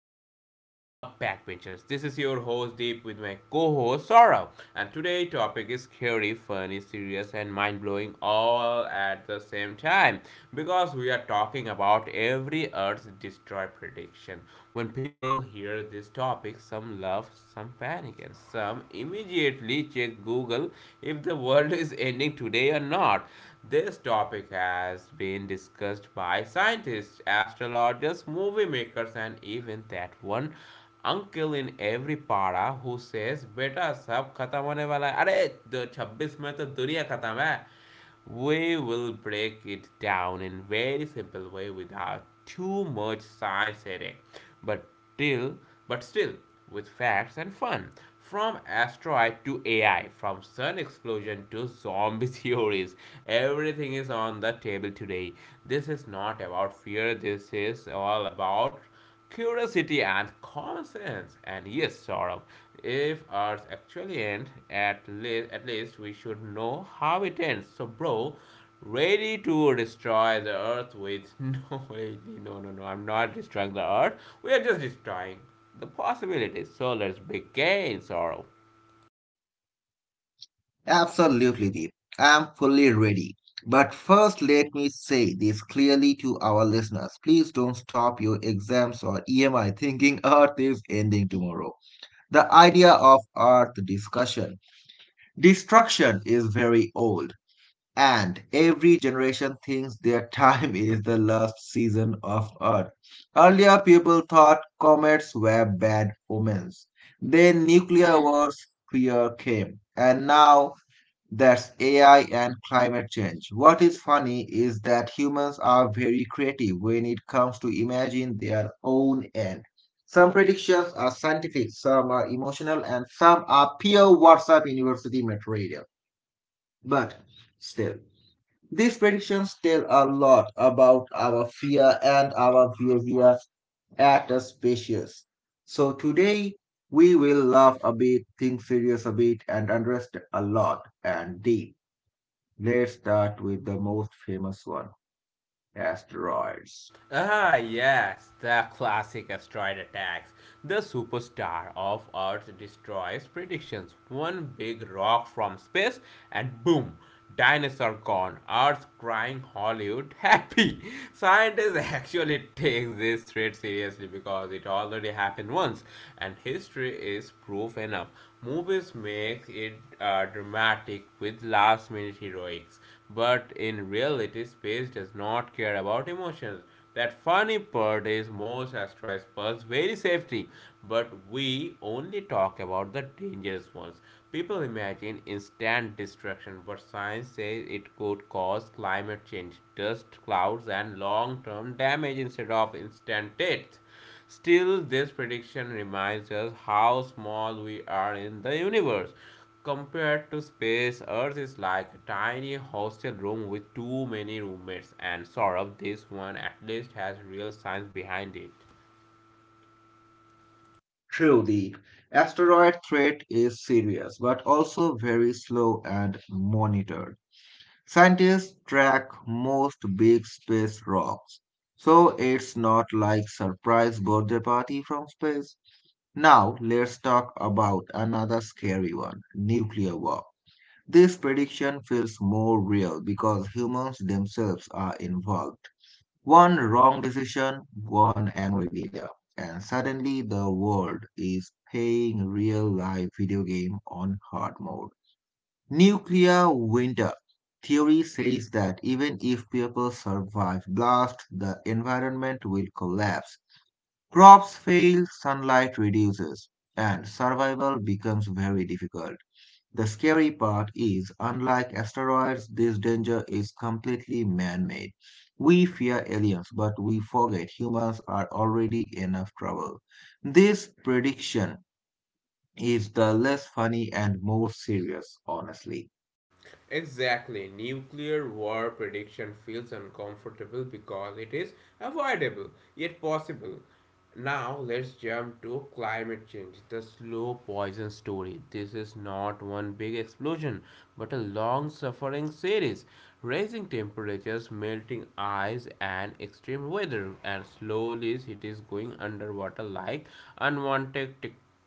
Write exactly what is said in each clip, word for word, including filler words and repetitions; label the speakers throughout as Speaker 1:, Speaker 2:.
Speaker 1: in our show, The Backbenchers. This is your host Deep with my co-host Saurav, and today topic is scary, funny, serious, and mind-blowing all at the same time because we are talking about every Earth's destroy prediction. When people hear this topic, some laugh, some panic, and some immediately check Google if the world is ending today or not. This topic has been discussed by scientists, astrologers, movie makers, and even that one uncle in every para who says, "Beta, sab khatam hone wala hai. Arey, दो- छब्बीस में तो दुनिया खत्म है." We will break it down in very simple way without too much science headache, but still, but still with facts and fun. From asteroid to A I, from sun explosion to zombie theories, everything is on the table today. This is not about fear. This is all about curiosity and common sense. And yes, Saurabh, if ours actually end, at least at least we should know how it ends. So, bro, ready to destroy the earth with no, wait, no, no, no. I'm not destroying the earth. We are just destroying the possibilities. So let's begin, Saurabh.
Speaker 2: Absolutely, Deep. I'm fully ready. But first, let me say this clearly to our listeners. Please don't stop your exams or E M I thinking Earth is ending tomorrow. The idea of Earth discussion, destruction is very old, and every generation thinks their time is the last season of Earth. Earlier, people thought comets were bad omens. Then nuclear wars fear came, and now that's A I and climate change. What is funny is that humans are very creative when it comes to imagine their own end. Some predictions are scientific, some are emotional, and some are pure WhatsApp university material. But still, these predictions tell a lot about our fear and our behavior at a spacious. So today we will laugh a bit, think serious a bit, and understand a lot and deep. Let's start with the most famous one, asteroids.
Speaker 1: Ah, yes, the classic asteroid attacks. The superstar of Earth destroys predictions. One big rock from space, and boom, dinosaur gone. Earth crying, Hollywood happy. Scientists actually take this threat seriously because it already happened once, and history is proof enough. Movies make it uh, dramatic with last minute heroics, but in reality, space does not care about emotions. That funny part is most asteroids pose very safety, but we only talk about the dangerous ones. People imagine instant destruction, but science says it could cause climate change, dust clouds, and long-term damage instead of instant death. Still, this prediction reminds us how small we are in the universe. Compared to space, Earth is like a tiny hostel room with too many roommates, and sort of this one at least has real science behind it.
Speaker 2: True, the Asteroid threat is serious but also very slow and monitored. Scientists track most big space rocks, so it's not like surprise birthday party from space. Now, let's talk about another scary one, nuclear war. This prediction feels more real because humans themselves are involved. One wrong decision, one angry leader, and suddenly the world is playing real life video game on hard mode. Nuclear winter theory says that even if people survive blast, the environment will collapse. Crops fail, sunlight reduces, and survival becomes very difficult. The scary part is, unlike asteroids, this danger is completely man-made. We fear aliens, but we forget humans are already enough trouble. This prediction is the less funny and more serious, honestly.
Speaker 1: Exactly. Nuclear war prediction feels uncomfortable because it is avoidable, yet possible. Now, let's jump to climate change, the slow poison story. This is not one big explosion, but a long suffering series. Rising temperatures, melting ice, and extreme weather, and slowly it is going underwater like unwanted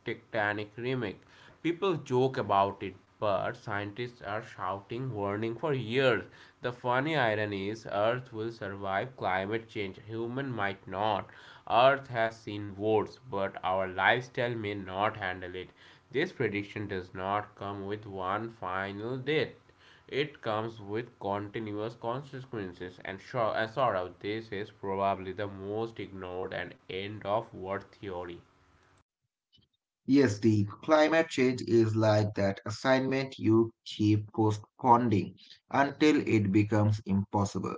Speaker 1: tectonic remake. People joke about it, but scientists are shouting warning for years. The funny irony is Earth will survive climate change. Human might not. Earth has seen worse, but our lifestyle may not handle it. This prediction does not come with one final date. It comes with continuous consequences, and sure, and sort of this is probably the most ignored and end of world theory.
Speaker 2: Yes, the climate change is like that assignment you keep postponing until it becomes impossible.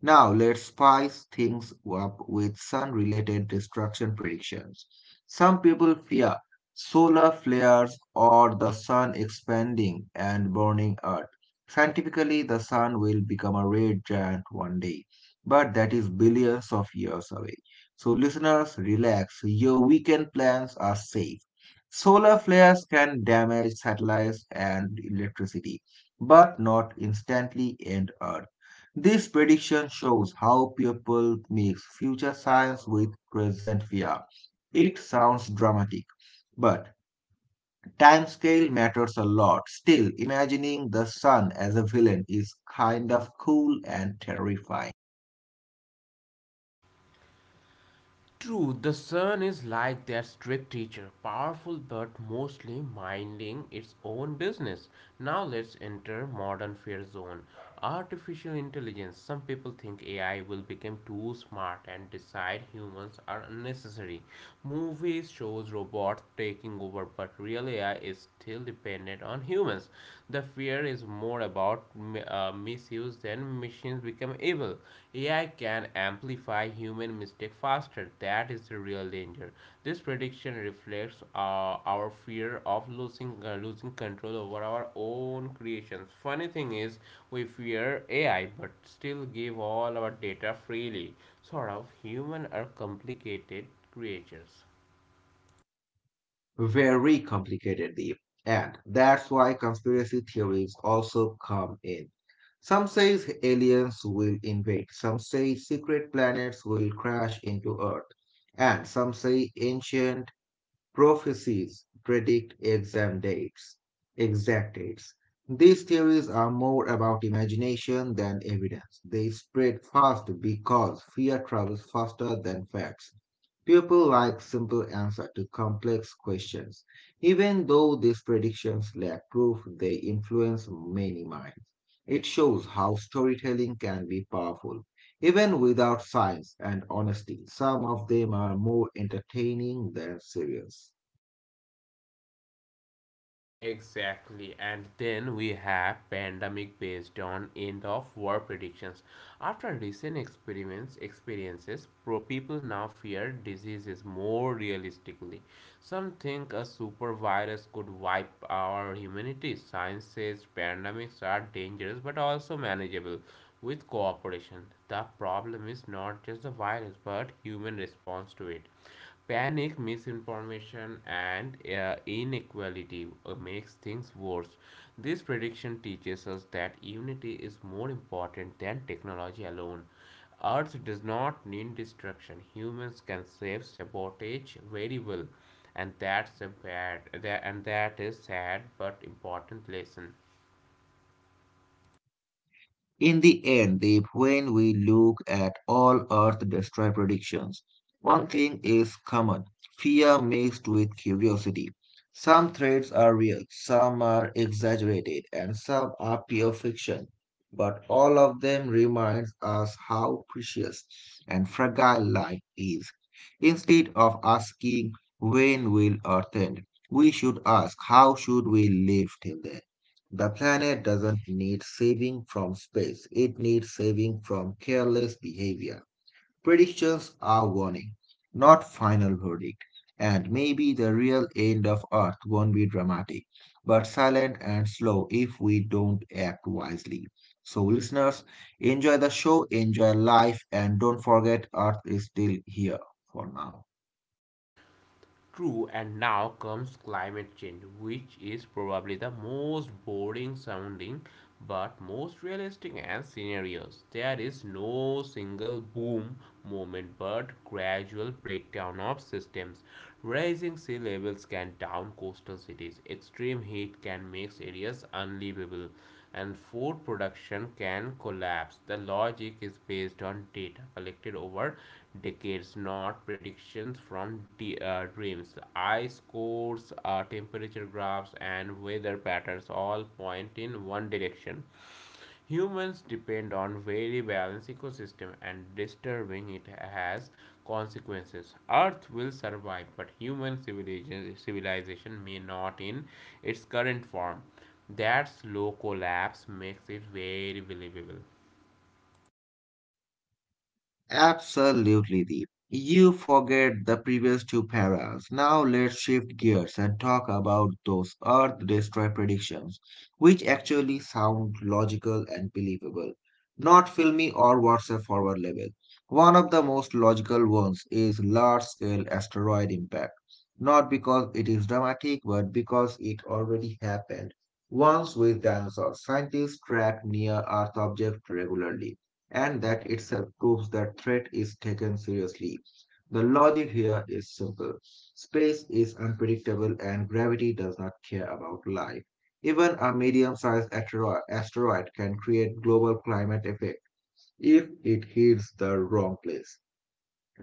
Speaker 2: Now, let's spice things up with sun related destruction predictions. Some people fear solar flares or the sun expanding and burning Earth. Scientifically, the sun will become a red giant one day, but that is billions of years away. So, listeners, relax. Your weekend plans are safe. Solar flares can damage satellites and electricity, but not instantly end Earth. This prediction shows how people mix future science with present fear. It sounds dramatic, but timescale matters a lot. Still, imagining the sun as a villain is kind of cool and terrifying.
Speaker 1: True, the sun is like that strict teacher, powerful but mostly minding its own business. Now let's enter modern fear zone. Artificial intelligence. Some people think A I will become too smart and decide humans are unnecessary. Movies shows robots taking over, but real A I is still dependent on humans. The fear is more more about uh, misuse, then machines become evil. A I can amplify human mistake faster. That is the real danger. This prediction reflects uh, our fear of losing uh, losing control over our own creations. Funny thing is, we fear A I, but still give all our data freely. Sort of, human are complicated creatures.
Speaker 2: Very complicated, Deep. And that's why conspiracy theories also come in. Some say aliens will invade, some say secret planets will crash into Earth, and some say ancient Prophecies predict exam dates, exact dates. These theories are more about imagination than evidence. They spread fast because fear travels faster than facts. People like simple answers to complex questions. Even though these predictions lack proof, they influence many minds. It shows how storytelling can be powerful. Even without science and honesty, some of them are more entertaining than serious.
Speaker 1: Exactly. And then we have pandemic based on end of war predictions. After recent experiments experiences, pro people now fear diseases more realistically. Some think a super virus could wipe our humanity. Science says pandemics are dangerous but also manageable with cooperation. The problem is not just the virus but human response to it. Panic, misinformation, and uh, inequality uh, makes things worse. This prediction teaches us that unity is more important than technology alone. Earth does not need destruction. Humans can save sabotage very well, and that's a bad that, and that is sad but important lesson.
Speaker 2: In the end, Deep, when we look at all Earth destroy predictions, one thing is common, fear mixed with curiosity. Some threats are real, some are exaggerated, and some are pure fiction. But all of them remind us how precious and fragile life is. Instead of asking, when will Earth end? We should ask, how should we live till then? The planet doesn't need saving from space, it needs saving from careless behavior. Predictions are warning, not final verdict. And maybe the real end of Earth won't be dramatic, but silent and slow if we don't act wisely. So, listeners, enjoy the show, enjoy life, and don't forget Earth is still here for now.
Speaker 1: True, and now comes climate change, which is probably the most boring sounding but most realistic and scenarios. There is no single boom moment but gradual breakdown of systems. Rising sea levels can down coastal cities, extreme heat can make areas unlivable, and food production can collapse. The logic is based on data collected over decades, not predictions from d- uh, dreams. Ice cores, uh, temperature graphs, and weather patterns all point in one direction. Humans depend on very balanced ecosystem and disturbing it has consequences. Earth will survive, but human civilization, civilization may not in its current form. That slow collapse makes it very believable.
Speaker 2: Absolutely, Deep. You forget the previous two paras. Now let's shift gears and talk about those Earth Destroy predictions, which actually sound logical and believable, not filmy or WhatsApp forward level. One of the most logical ones is large scale asteroid impact, not because it is dramatic, but because it already happened once with dinosaurs. Scientists track near Earth objects regularly and that itself proves that threat is taken seriously. The logic here is simple. Space is unpredictable and gravity does not care about life. Even a medium-sized asteroid can create global climate effect if it hits the wrong place.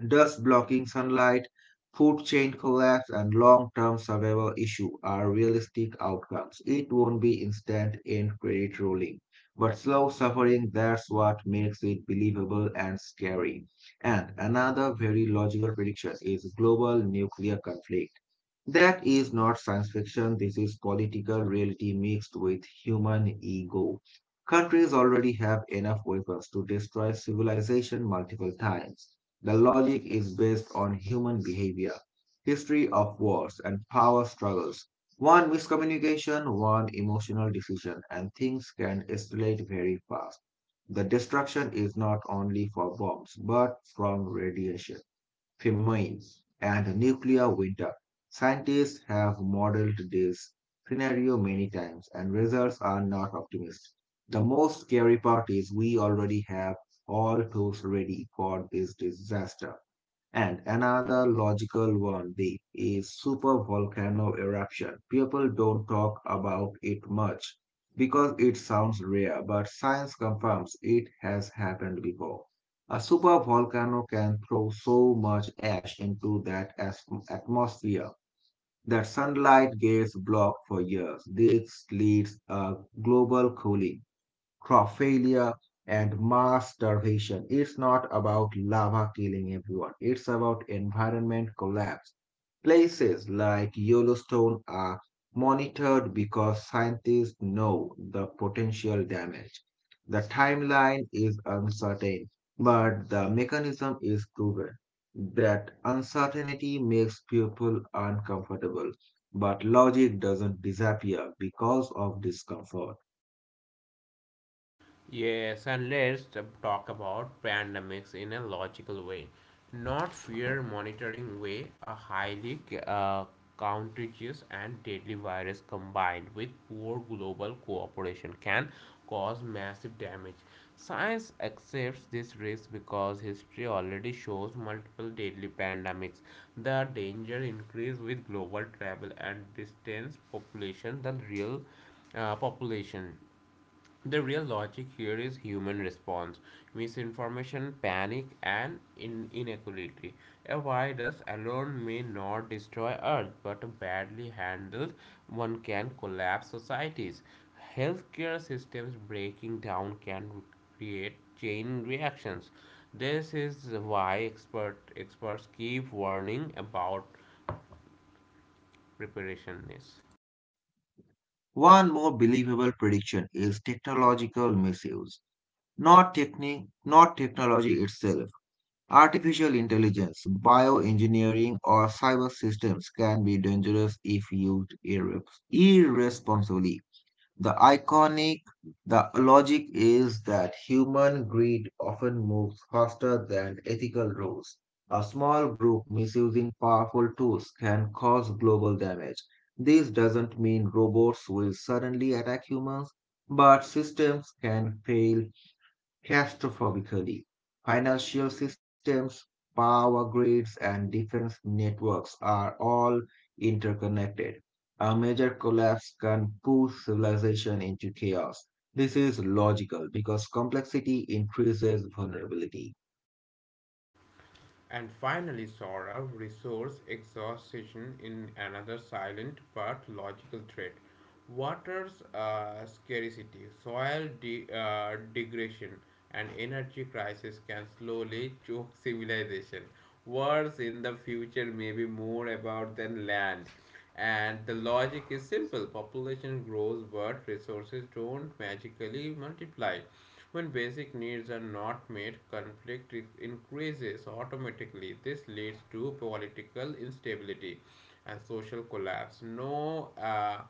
Speaker 2: Dust blocking sunlight, food chain collapse, and long term survival issue are realistic outcomes. It won't be instant end credit rolling, but slow suffering, that's what makes it believable and scary. And another very logical prediction is global nuclear conflict. That is not science fiction, this is political reality mixed with human ego. Countries already have enough weapons to destroy civilization multiple times. The logic is based on human behavior, history of wars, and power struggles. One miscommunication, one emotional decision, and things can escalate very fast. The destruction is not only for bombs, but from radiation, famines, and nuclear winter. Scientists have modeled this scenario many times, and results are not optimistic. The most scary part is we already have all tools ready for this disaster. And another logical one be is supervolcano eruption. People don't talk about it much because it sounds rare, but science confirms it has happened before. A supervolcano can throw so much ash into that atmosphere that sunlight gets blocked for years. This leads a global cooling, crop failure, and mass starvation. It's not about lava killing everyone, it's about environment collapse. Places like Yellowstone are monitored because scientists know the potential damage. The timeline is uncertain, but the mechanism is proven. That uncertainty makes people uncomfortable, but logic doesn't disappear because of discomfort.
Speaker 1: Yes, and let's t- talk about pandemics in a logical way, not fear monitoring way. A highly uh, contagious and deadly virus combined with poor global cooperation can cause massive damage. Science accepts this risk because history already shows multiple deadly pandemics. The danger increase with global travel and distance population than real uh, population. The real logic here is human response, misinformation, panic, and in- inequality. A virus alone may not destroy Earth, but badly handled, one can collapse societies. Healthcare systems breaking down can create chain reactions. This is why expert, experts keep warning about preparedness.
Speaker 2: One more believable prediction is technological misuse, not techni- not technology itself. Artificial intelligence, bioengineering, or cyber systems can be dangerous if used irre- irresponsibly. The iconic, the logic is that human greed often moves faster than ethical rules. A small group misusing powerful tools can cause global damage. This doesn't mean robots will suddenly attack humans, but systems can fail Catastrophically. Financial systems, power grids, and defense networks are all interconnected. A major collapse can push civilization into chaos. This is logical because complexity increases vulnerability.
Speaker 1: And finally, saw a resource exhaustion in another silent but logical threat. Water's uh, scarcity, soil de- uh, degradation, and energy crisis can slowly choke civilization. Wars in the future may be more about than land. And the logic is simple population grows, but resources don't magically multiply. When basic needs are not met, conflict is- increases automatically. This leads to political instability and social collapse. No uh,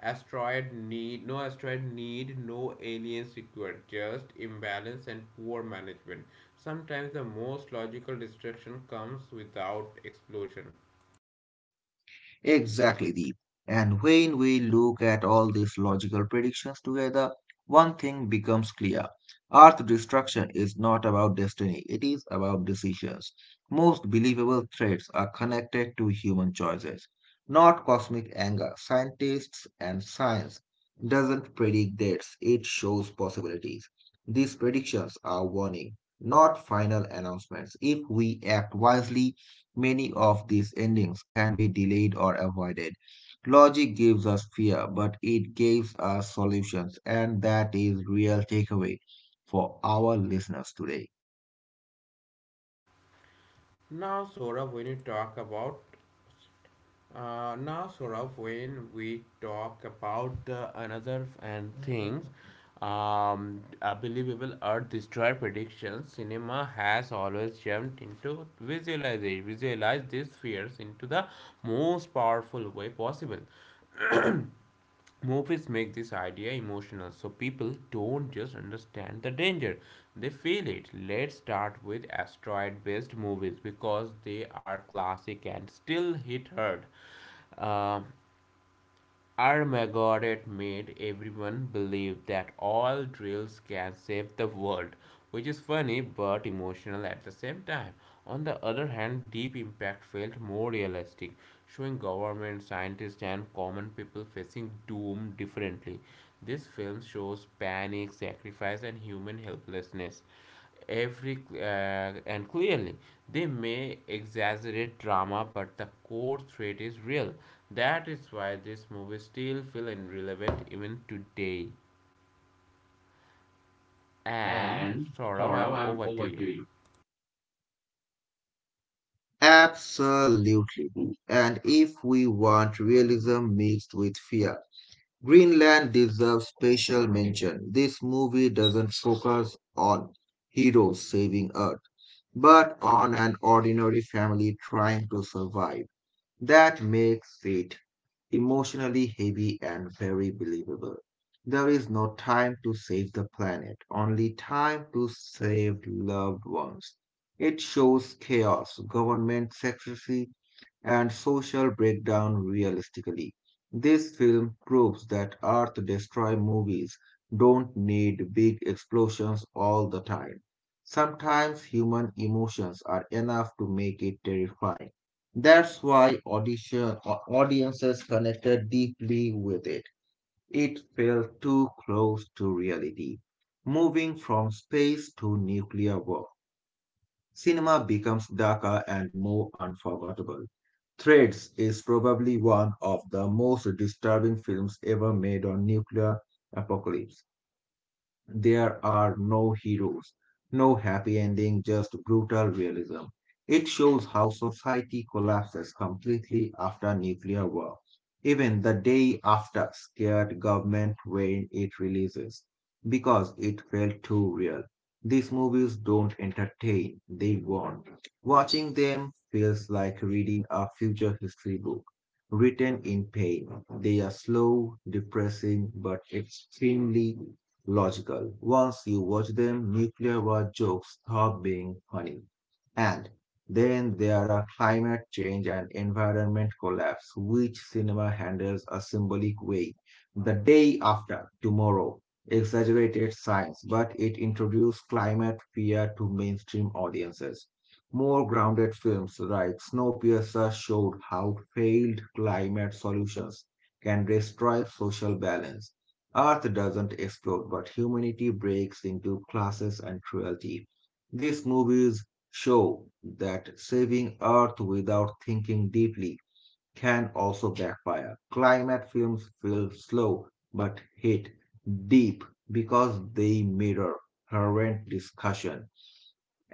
Speaker 1: asteroid need, no asteroid need, no aliens required. Just imbalance and poor management. Sometimes the most logical destruction comes without explosion.
Speaker 2: Exactly, Deep. And when we look at all these logical predictions together, one thing becomes clear. Earth destruction is not about destiny, it is about decisions. Most believable threats are connected to human choices, not cosmic anger. Scientists and science doesn't predict dates, it shows possibilities. These predictions are warning, not final announcements. If we act wisely, many of these endings can be delayed or avoided. Logic gives us fear, but it gives us solutions, and that is real takeaway for our listeners today.
Speaker 1: Now, Sora, when you talk about Uh, now, Saurabh, when we talk about the another f- and things, um, unbelievable Earth Destroyer predictions, cinema has always jumped into visualization, visualize these fears into the most powerful way possible. Movies make this idea emotional, so people don't just understand the danger; they feel it. Let's start with asteroid-based movies because they are classic and still hit hard. Um Armageddon made everyone believe that all drills can save the world, which is funny but emotional at the same time. On the other hand, Deep Impact felt more realistic, showing government, scientists, and common people facing doom differently. This film shows panic, sacrifice, and human helplessness, every uh, and clearly they may exaggerate drama but the core threat is real, that is why this movie still feels irrelevant even today. And
Speaker 2: And
Speaker 1: Saurav,
Speaker 2: Saurav,
Speaker 1: I'm
Speaker 2: I'm
Speaker 1: over to
Speaker 2: over to
Speaker 1: you.
Speaker 2: you. Absolutely. And if we want realism mixed with fear, Greenland deserves special mention. This movie doesn't focus on heroes saving Earth, but on an ordinary family trying to survive. That makes it emotionally heavy and very believable. There is no time to save the planet, only time to save loved ones. It shows chaos, government secrecy, and social breakdown realistically. This film proves that Earth Destroy movies don't need big explosions all the time. Sometimes human emotions are enough to make it terrifying. That's why audition, au- audiences connected deeply with it. It felt too close to reality. Moving from space to nuclear war, cinema becomes darker and more unforgettable. Threads is probably one of the most disturbing films ever made on nuclear apocalypse. There are no heroes, no happy ending, just brutal realism. It shows how society collapses completely after nuclear war. Even the day after, scared government when it releases, because it felt too real. These movies don't entertain, they warn. Watching them feels like reading a future history book written in pain. They are slow, depressing, but extremely logical. Once you watch them, nuclear war jokes stop being funny. And then there are climate change and environment collapse, which cinema handles a symbolic way. The day after tomorrow exaggerated science, but it introduced climate fear to mainstream audiences. More grounded films like Snowpiercer showed how failed climate solutions can destroy social balance. Earth doesn't explode, but humanity breaks into classes and cruelty. These movies show that saving Earth without thinking deeply can also backfire. Climate films feel slow but hit deep because they mirror current discussion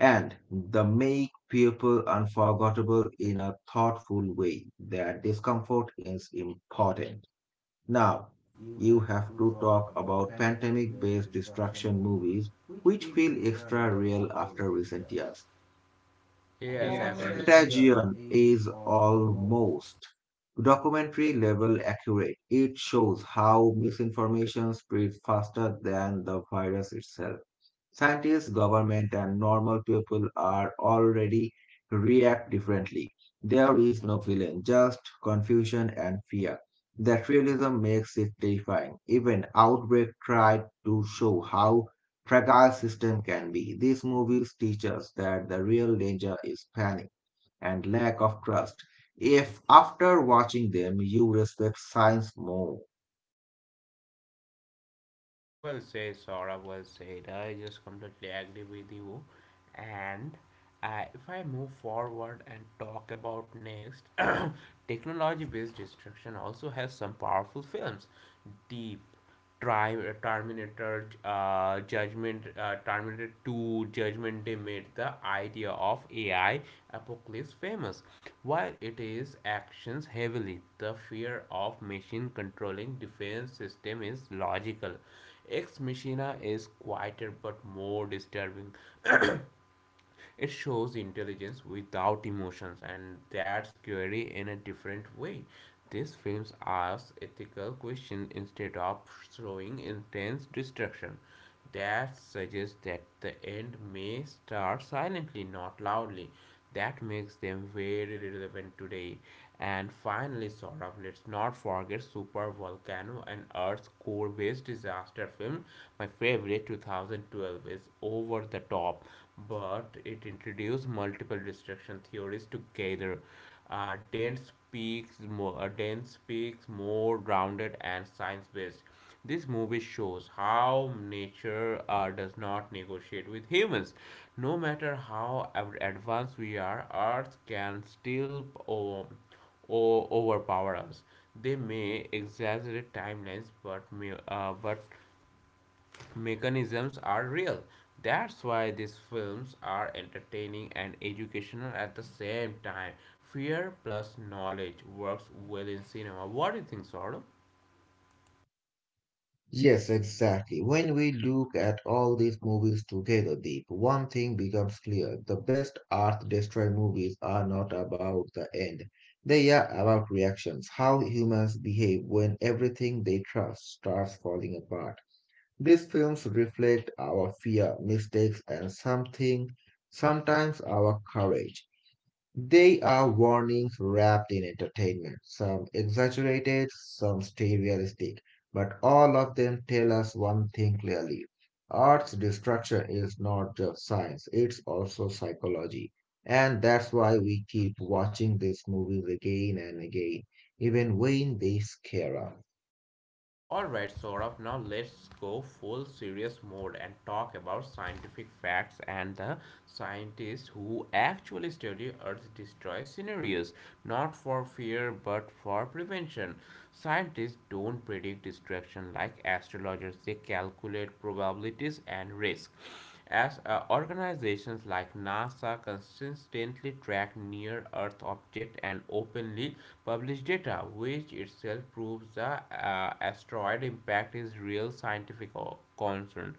Speaker 2: and they make people unforgettable in a thoughtful way. That discomfort is important. Now,
Speaker 1: You
Speaker 2: you
Speaker 1: have to
Speaker 2: have to
Speaker 1: talk
Speaker 2: talk
Speaker 1: about
Speaker 2: about
Speaker 1: pandemic
Speaker 2: pandemic
Speaker 1: based
Speaker 2: based
Speaker 1: destruction
Speaker 2: destruction
Speaker 1: movies
Speaker 2: movies,
Speaker 1: which
Speaker 2: which
Speaker 1: feel
Speaker 2: feel
Speaker 1: extra
Speaker 2: extra
Speaker 1: real
Speaker 2: real
Speaker 1: after
Speaker 2: after
Speaker 1: recent
Speaker 2: recent
Speaker 1: years.
Speaker 2: years.
Speaker 1: Yes, absolutely, Contagion
Speaker 2: Contagion
Speaker 1: is
Speaker 2: is
Speaker 1: almost.
Speaker 2: almost documentary level accurate. It shows how misinformation spreads faster than the virus itself. Scientists, government, and normal people are already react differently. There is no villain, just confusion and fear. That realism makes it terrifying. Even Outbreak tried to show how fragile system can be. These movies teach us that the real danger is panic and lack of trust. If after watching them you respect science more.
Speaker 1: Well said, Sora. Well said. I just completely agree with you. And uh, if I move forward and talk about next, Technology based destruction also has some powerful films. Deep, Tri- uh, Terminator, uh, Judgment, uh, Terminator two, Judgment Day made the idea of A I apocalypse famous. While it is actions heavily, the fear of machine controlling defense system is logical. Ex Machina is quieter but more disturbing. It shows intelligence without emotions, and that's scary in a different way. These films ask ethical questions instead of showing intense destruction. That suggests that the end may start silently, not loudly, that makes them very relevant today. And finally, Saurabh, let's not forget Super Volcano an Earth's Core Based Disaster film. My favorite two thousand twelve is over the top, but it introduced multiple destruction theories together. Uh, dense peaks, more, uh, dense peaks, more grounded and science based. This movie shows how nature uh, does not negotiate with humans. No matter how av- advanced we are, Earth can still o- o- overpower us. They may exaggerate timelines, but me- uh, but mechanisms are real. That's why these films are entertaining and educational at the same time. Fear plus knowledge works well in cinema. What do you think, Saurabh?
Speaker 2: Yes, exactly. When we look at all these movies together, Deep, one thing becomes clear. The best Earth Destroy movies are not about the end. They are about reactions, how humans behave when everything they trust starts falling apart. These films reflect our fear, mistakes, and something, sometimes our courage. They are warnings wrapped in entertainment, some exaggerated, some stay realistic, but all of them tell us one thing clearly. Art's destruction is not just science, it's also psychology. And that's why we keep watching these movies again and again, even when they scare us.
Speaker 1: Alright, Saurabh, now let's go full serious mode and talk about scientific facts and the scientists who actually study Earth destroy scenarios, not for fear but for prevention. Scientists don't predict destruction like astrologers, they calculate probabilities and risk. As uh, organizations like NASA consistently track near Earth objects and openly publish data, which itself proves the uh, asteroid impact is real scientific concern.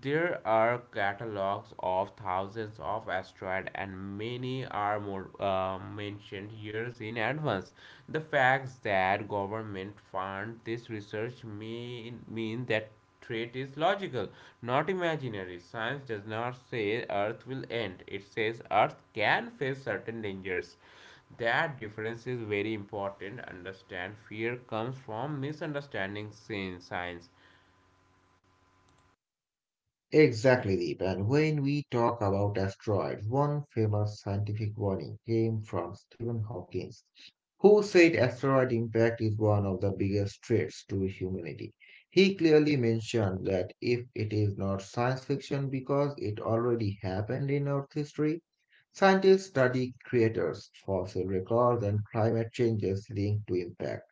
Speaker 1: There are catalogs of thousands of asteroids, and many are more, uh, mentioned years in advance. The fact that government fund this research may mean that threat is logical, not imaginary. Science does not say Earth will end; it says Earth can face certain dangers. That difference is very important. Understand fear comes from misunderstanding sin- science.
Speaker 2: Exactly, Deep. And when we talk about asteroids, one famous scientific warning came from Stephen Hawking, who said asteroid impact is one of the biggest threats to humanity. He clearly mentioned that if it is not science fiction because it already happened in Earth history, scientists study craters, fossil records, and climate changes linked to impact.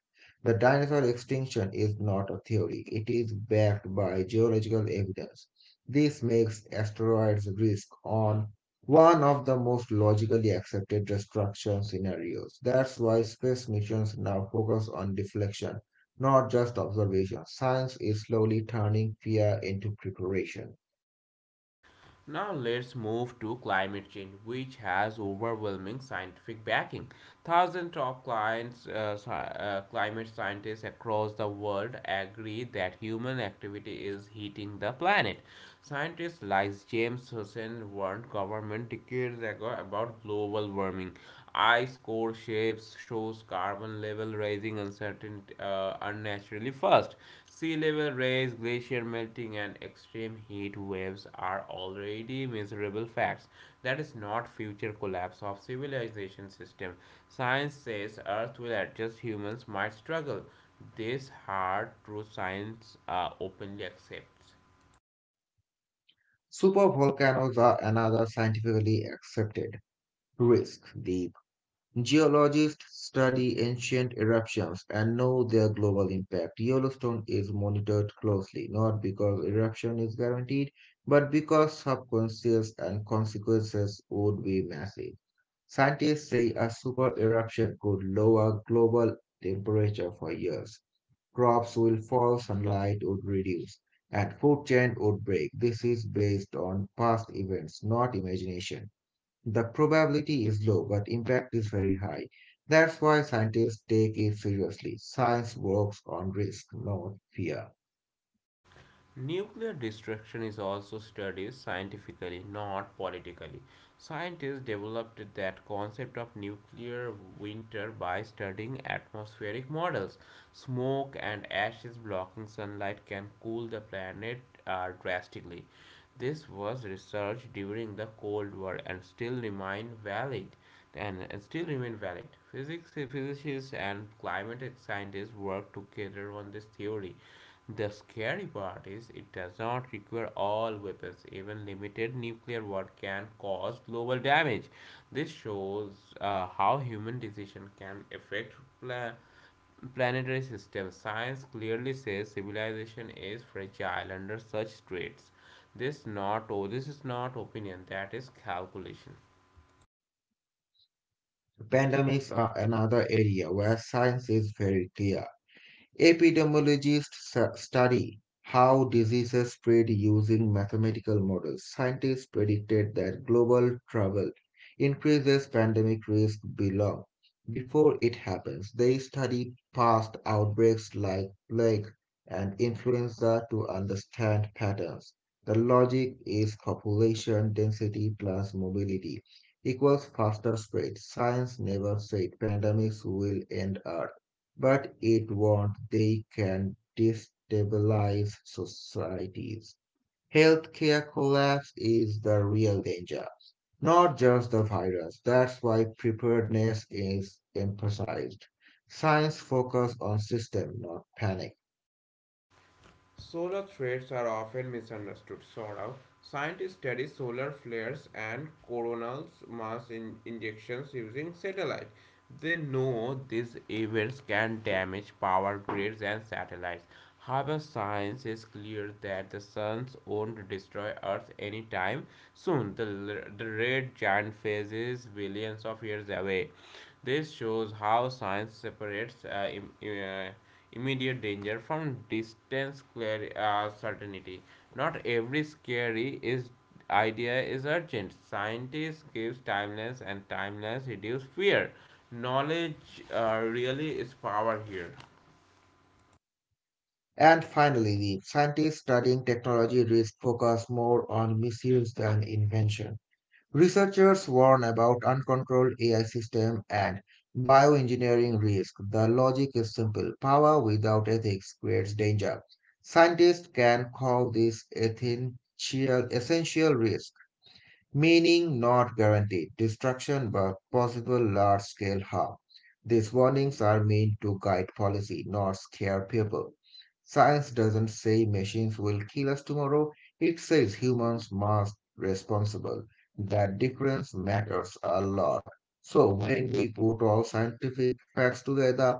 Speaker 2: The dinosaur extinction is not a theory, it is backed by geological evidence. This makes asteroids risk on one of the most logically accepted destruction scenarios. That's why space missions now focus on deflection, not just observation. Science is slowly turning fear into preparation.
Speaker 1: Now let's move to climate change, which has overwhelming scientific backing. Thousands of clients, uh, uh, climate scientists across the world agree that human activity is heating the planet. Scientists like James Hansen warned government decades ago about global warming, ice core shapes shows carbon level rising uncertainty uh, unnaturally fast. Sea level rise, glacier melting, and extreme heat waves are already miserable facts. That is not future collapse of civilization system. Science says Earth will adjust. Humans might struggle. This hard truth science uh, openly accepts.
Speaker 2: Supervolcanoes are another scientifically accepted risk. The Geologists study ancient eruptions and know their global impact. Yellowstone is monitored closely, not because eruption is guaranteed, but because subconscious and consequences would be massive. Scientists say a super eruption could lower global temperature for years. Crops will fall, sunlight would reduce, and food chain would break. This is based on past events, not imagination. The probability is low, but impact is very high. That's why scientists take it seriously. Science works on risk, not fear.
Speaker 1: Nuclear destruction is also studied scientifically, not politically. Scientists developed that concept of nuclear winter by studying atmospheric models. Smoke and ashes blocking sunlight can cool the planet uh, drastically. This was researched during the Cold War and still remain valid and uh, still remain valid. Physics, physicists and climate scientists work together on this theory. The scary part is it does not require all weapons. Even limited nuclear war can cause global damage. This shows uh, how human decision can affect pla- planetary systems. Science clearly says civilization is fragile under such threats. This not oh, this is not opinion. That is calculation.
Speaker 2: Pandemics are another area where science is very clear. Epidemiologists su- study how diseases spread using mathematical models. Scientists predicted that global travel increases pandemic risk Below, before it happens. They study past outbreaks like plague and influenza to understand patterns. The logic is population density plus mobility equals faster spread. Science never said pandemics will end early but it won't. They can destabilize societies. Healthcare collapse is the real danger, not just the virus. That's why preparedness is emphasized. Science focuses on system, not panic.
Speaker 1: Solar threats are often misunderstood, sort of. Scientists study solar flares and coronal mass in- injections using satellite. They know these events can damage power grids and satellites. However, science is clear that the sun won't destroy Earth anytime soon. The, the red giant phase is billions of years away. This shows how science separates uh, uh, immediate danger from distance clar- uh, certainty. Not every scary is idea is urgent. Scientists gives timeless, and timeless reduce fear. Knowledge uh, really is power here.
Speaker 2: And finally, the scientists studying technology risk focus more on misuse than invention. Researchers warn about uncontrolled A I system and bioengineering risk. The logic is simple. Power without ethics creates danger. Scientists can call this ethical essential risk, meaning not guaranteed destruction but possible large scale harm. These warnings are meant to guide policy, not scare people. Science doesn't say machines will kill us tomorrow, it says humans must be responsible. That difference matters a lot. So when we put all scientific facts together,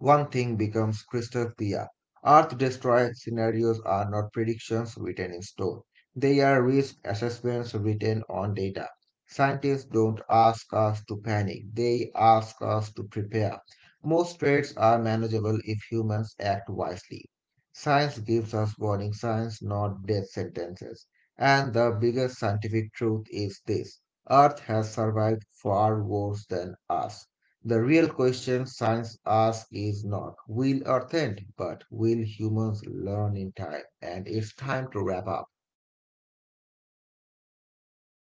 Speaker 2: one thing becomes crystal clear. Earth destroy scenarios are not predictions written in stone. They are risk assessments written on data. Scientists don't ask us to panic, they ask us to prepare. Most threats are manageable if humans act wisely. Science gives us warning signs, not death sentences. And the biggest scientific truth is this, Earth has survived far worse than us. The real question science asks is not will Earth end, but will humans learn in time? And it's time to wrap up.
Speaker 1: Yeah.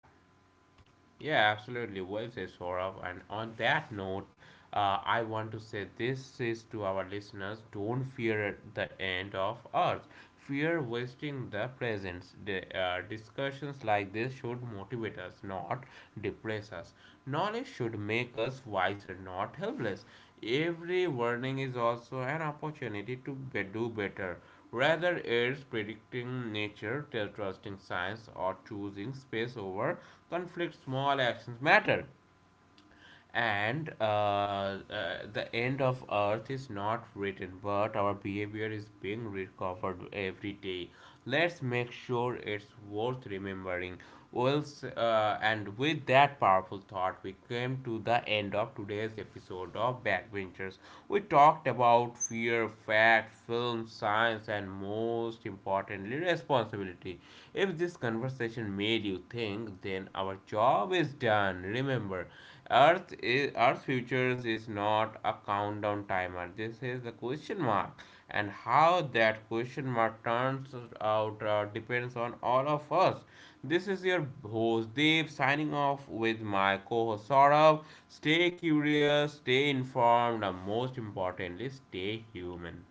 Speaker 1: Yeah, absolutely. Well said, Saurabh. And on that note, uh, I want to say this is to our listeners, don't fear the end of Earth. Fear wasting the present. The, uh, discussions like this should motivate us, not depress us. Knowledge should make us wiser, not helpless. Every warning is also an opportunity to be, do better. Rather, it's predicting nature, trusting science, or choosing space over conflict. Small actions matter, and uh, uh, the end of earth is not written but our behavior is being recovered every day. Let's make sure it's worth remembering. Well, uh, and with that powerful thought we came to the end of today's episode of Backbenchers. We talked about fear, fact, film, science, and most importantly responsibility. If this conversation made you think then our job is done. Remember, Earth is Earth futures is not a countdown timer. This is the question mark, and how that question mark turns out uh, depends on all of us. This is your host Deep signing off with my co-host Saurav. Stay curious, stay informed, and most importantly, stay human.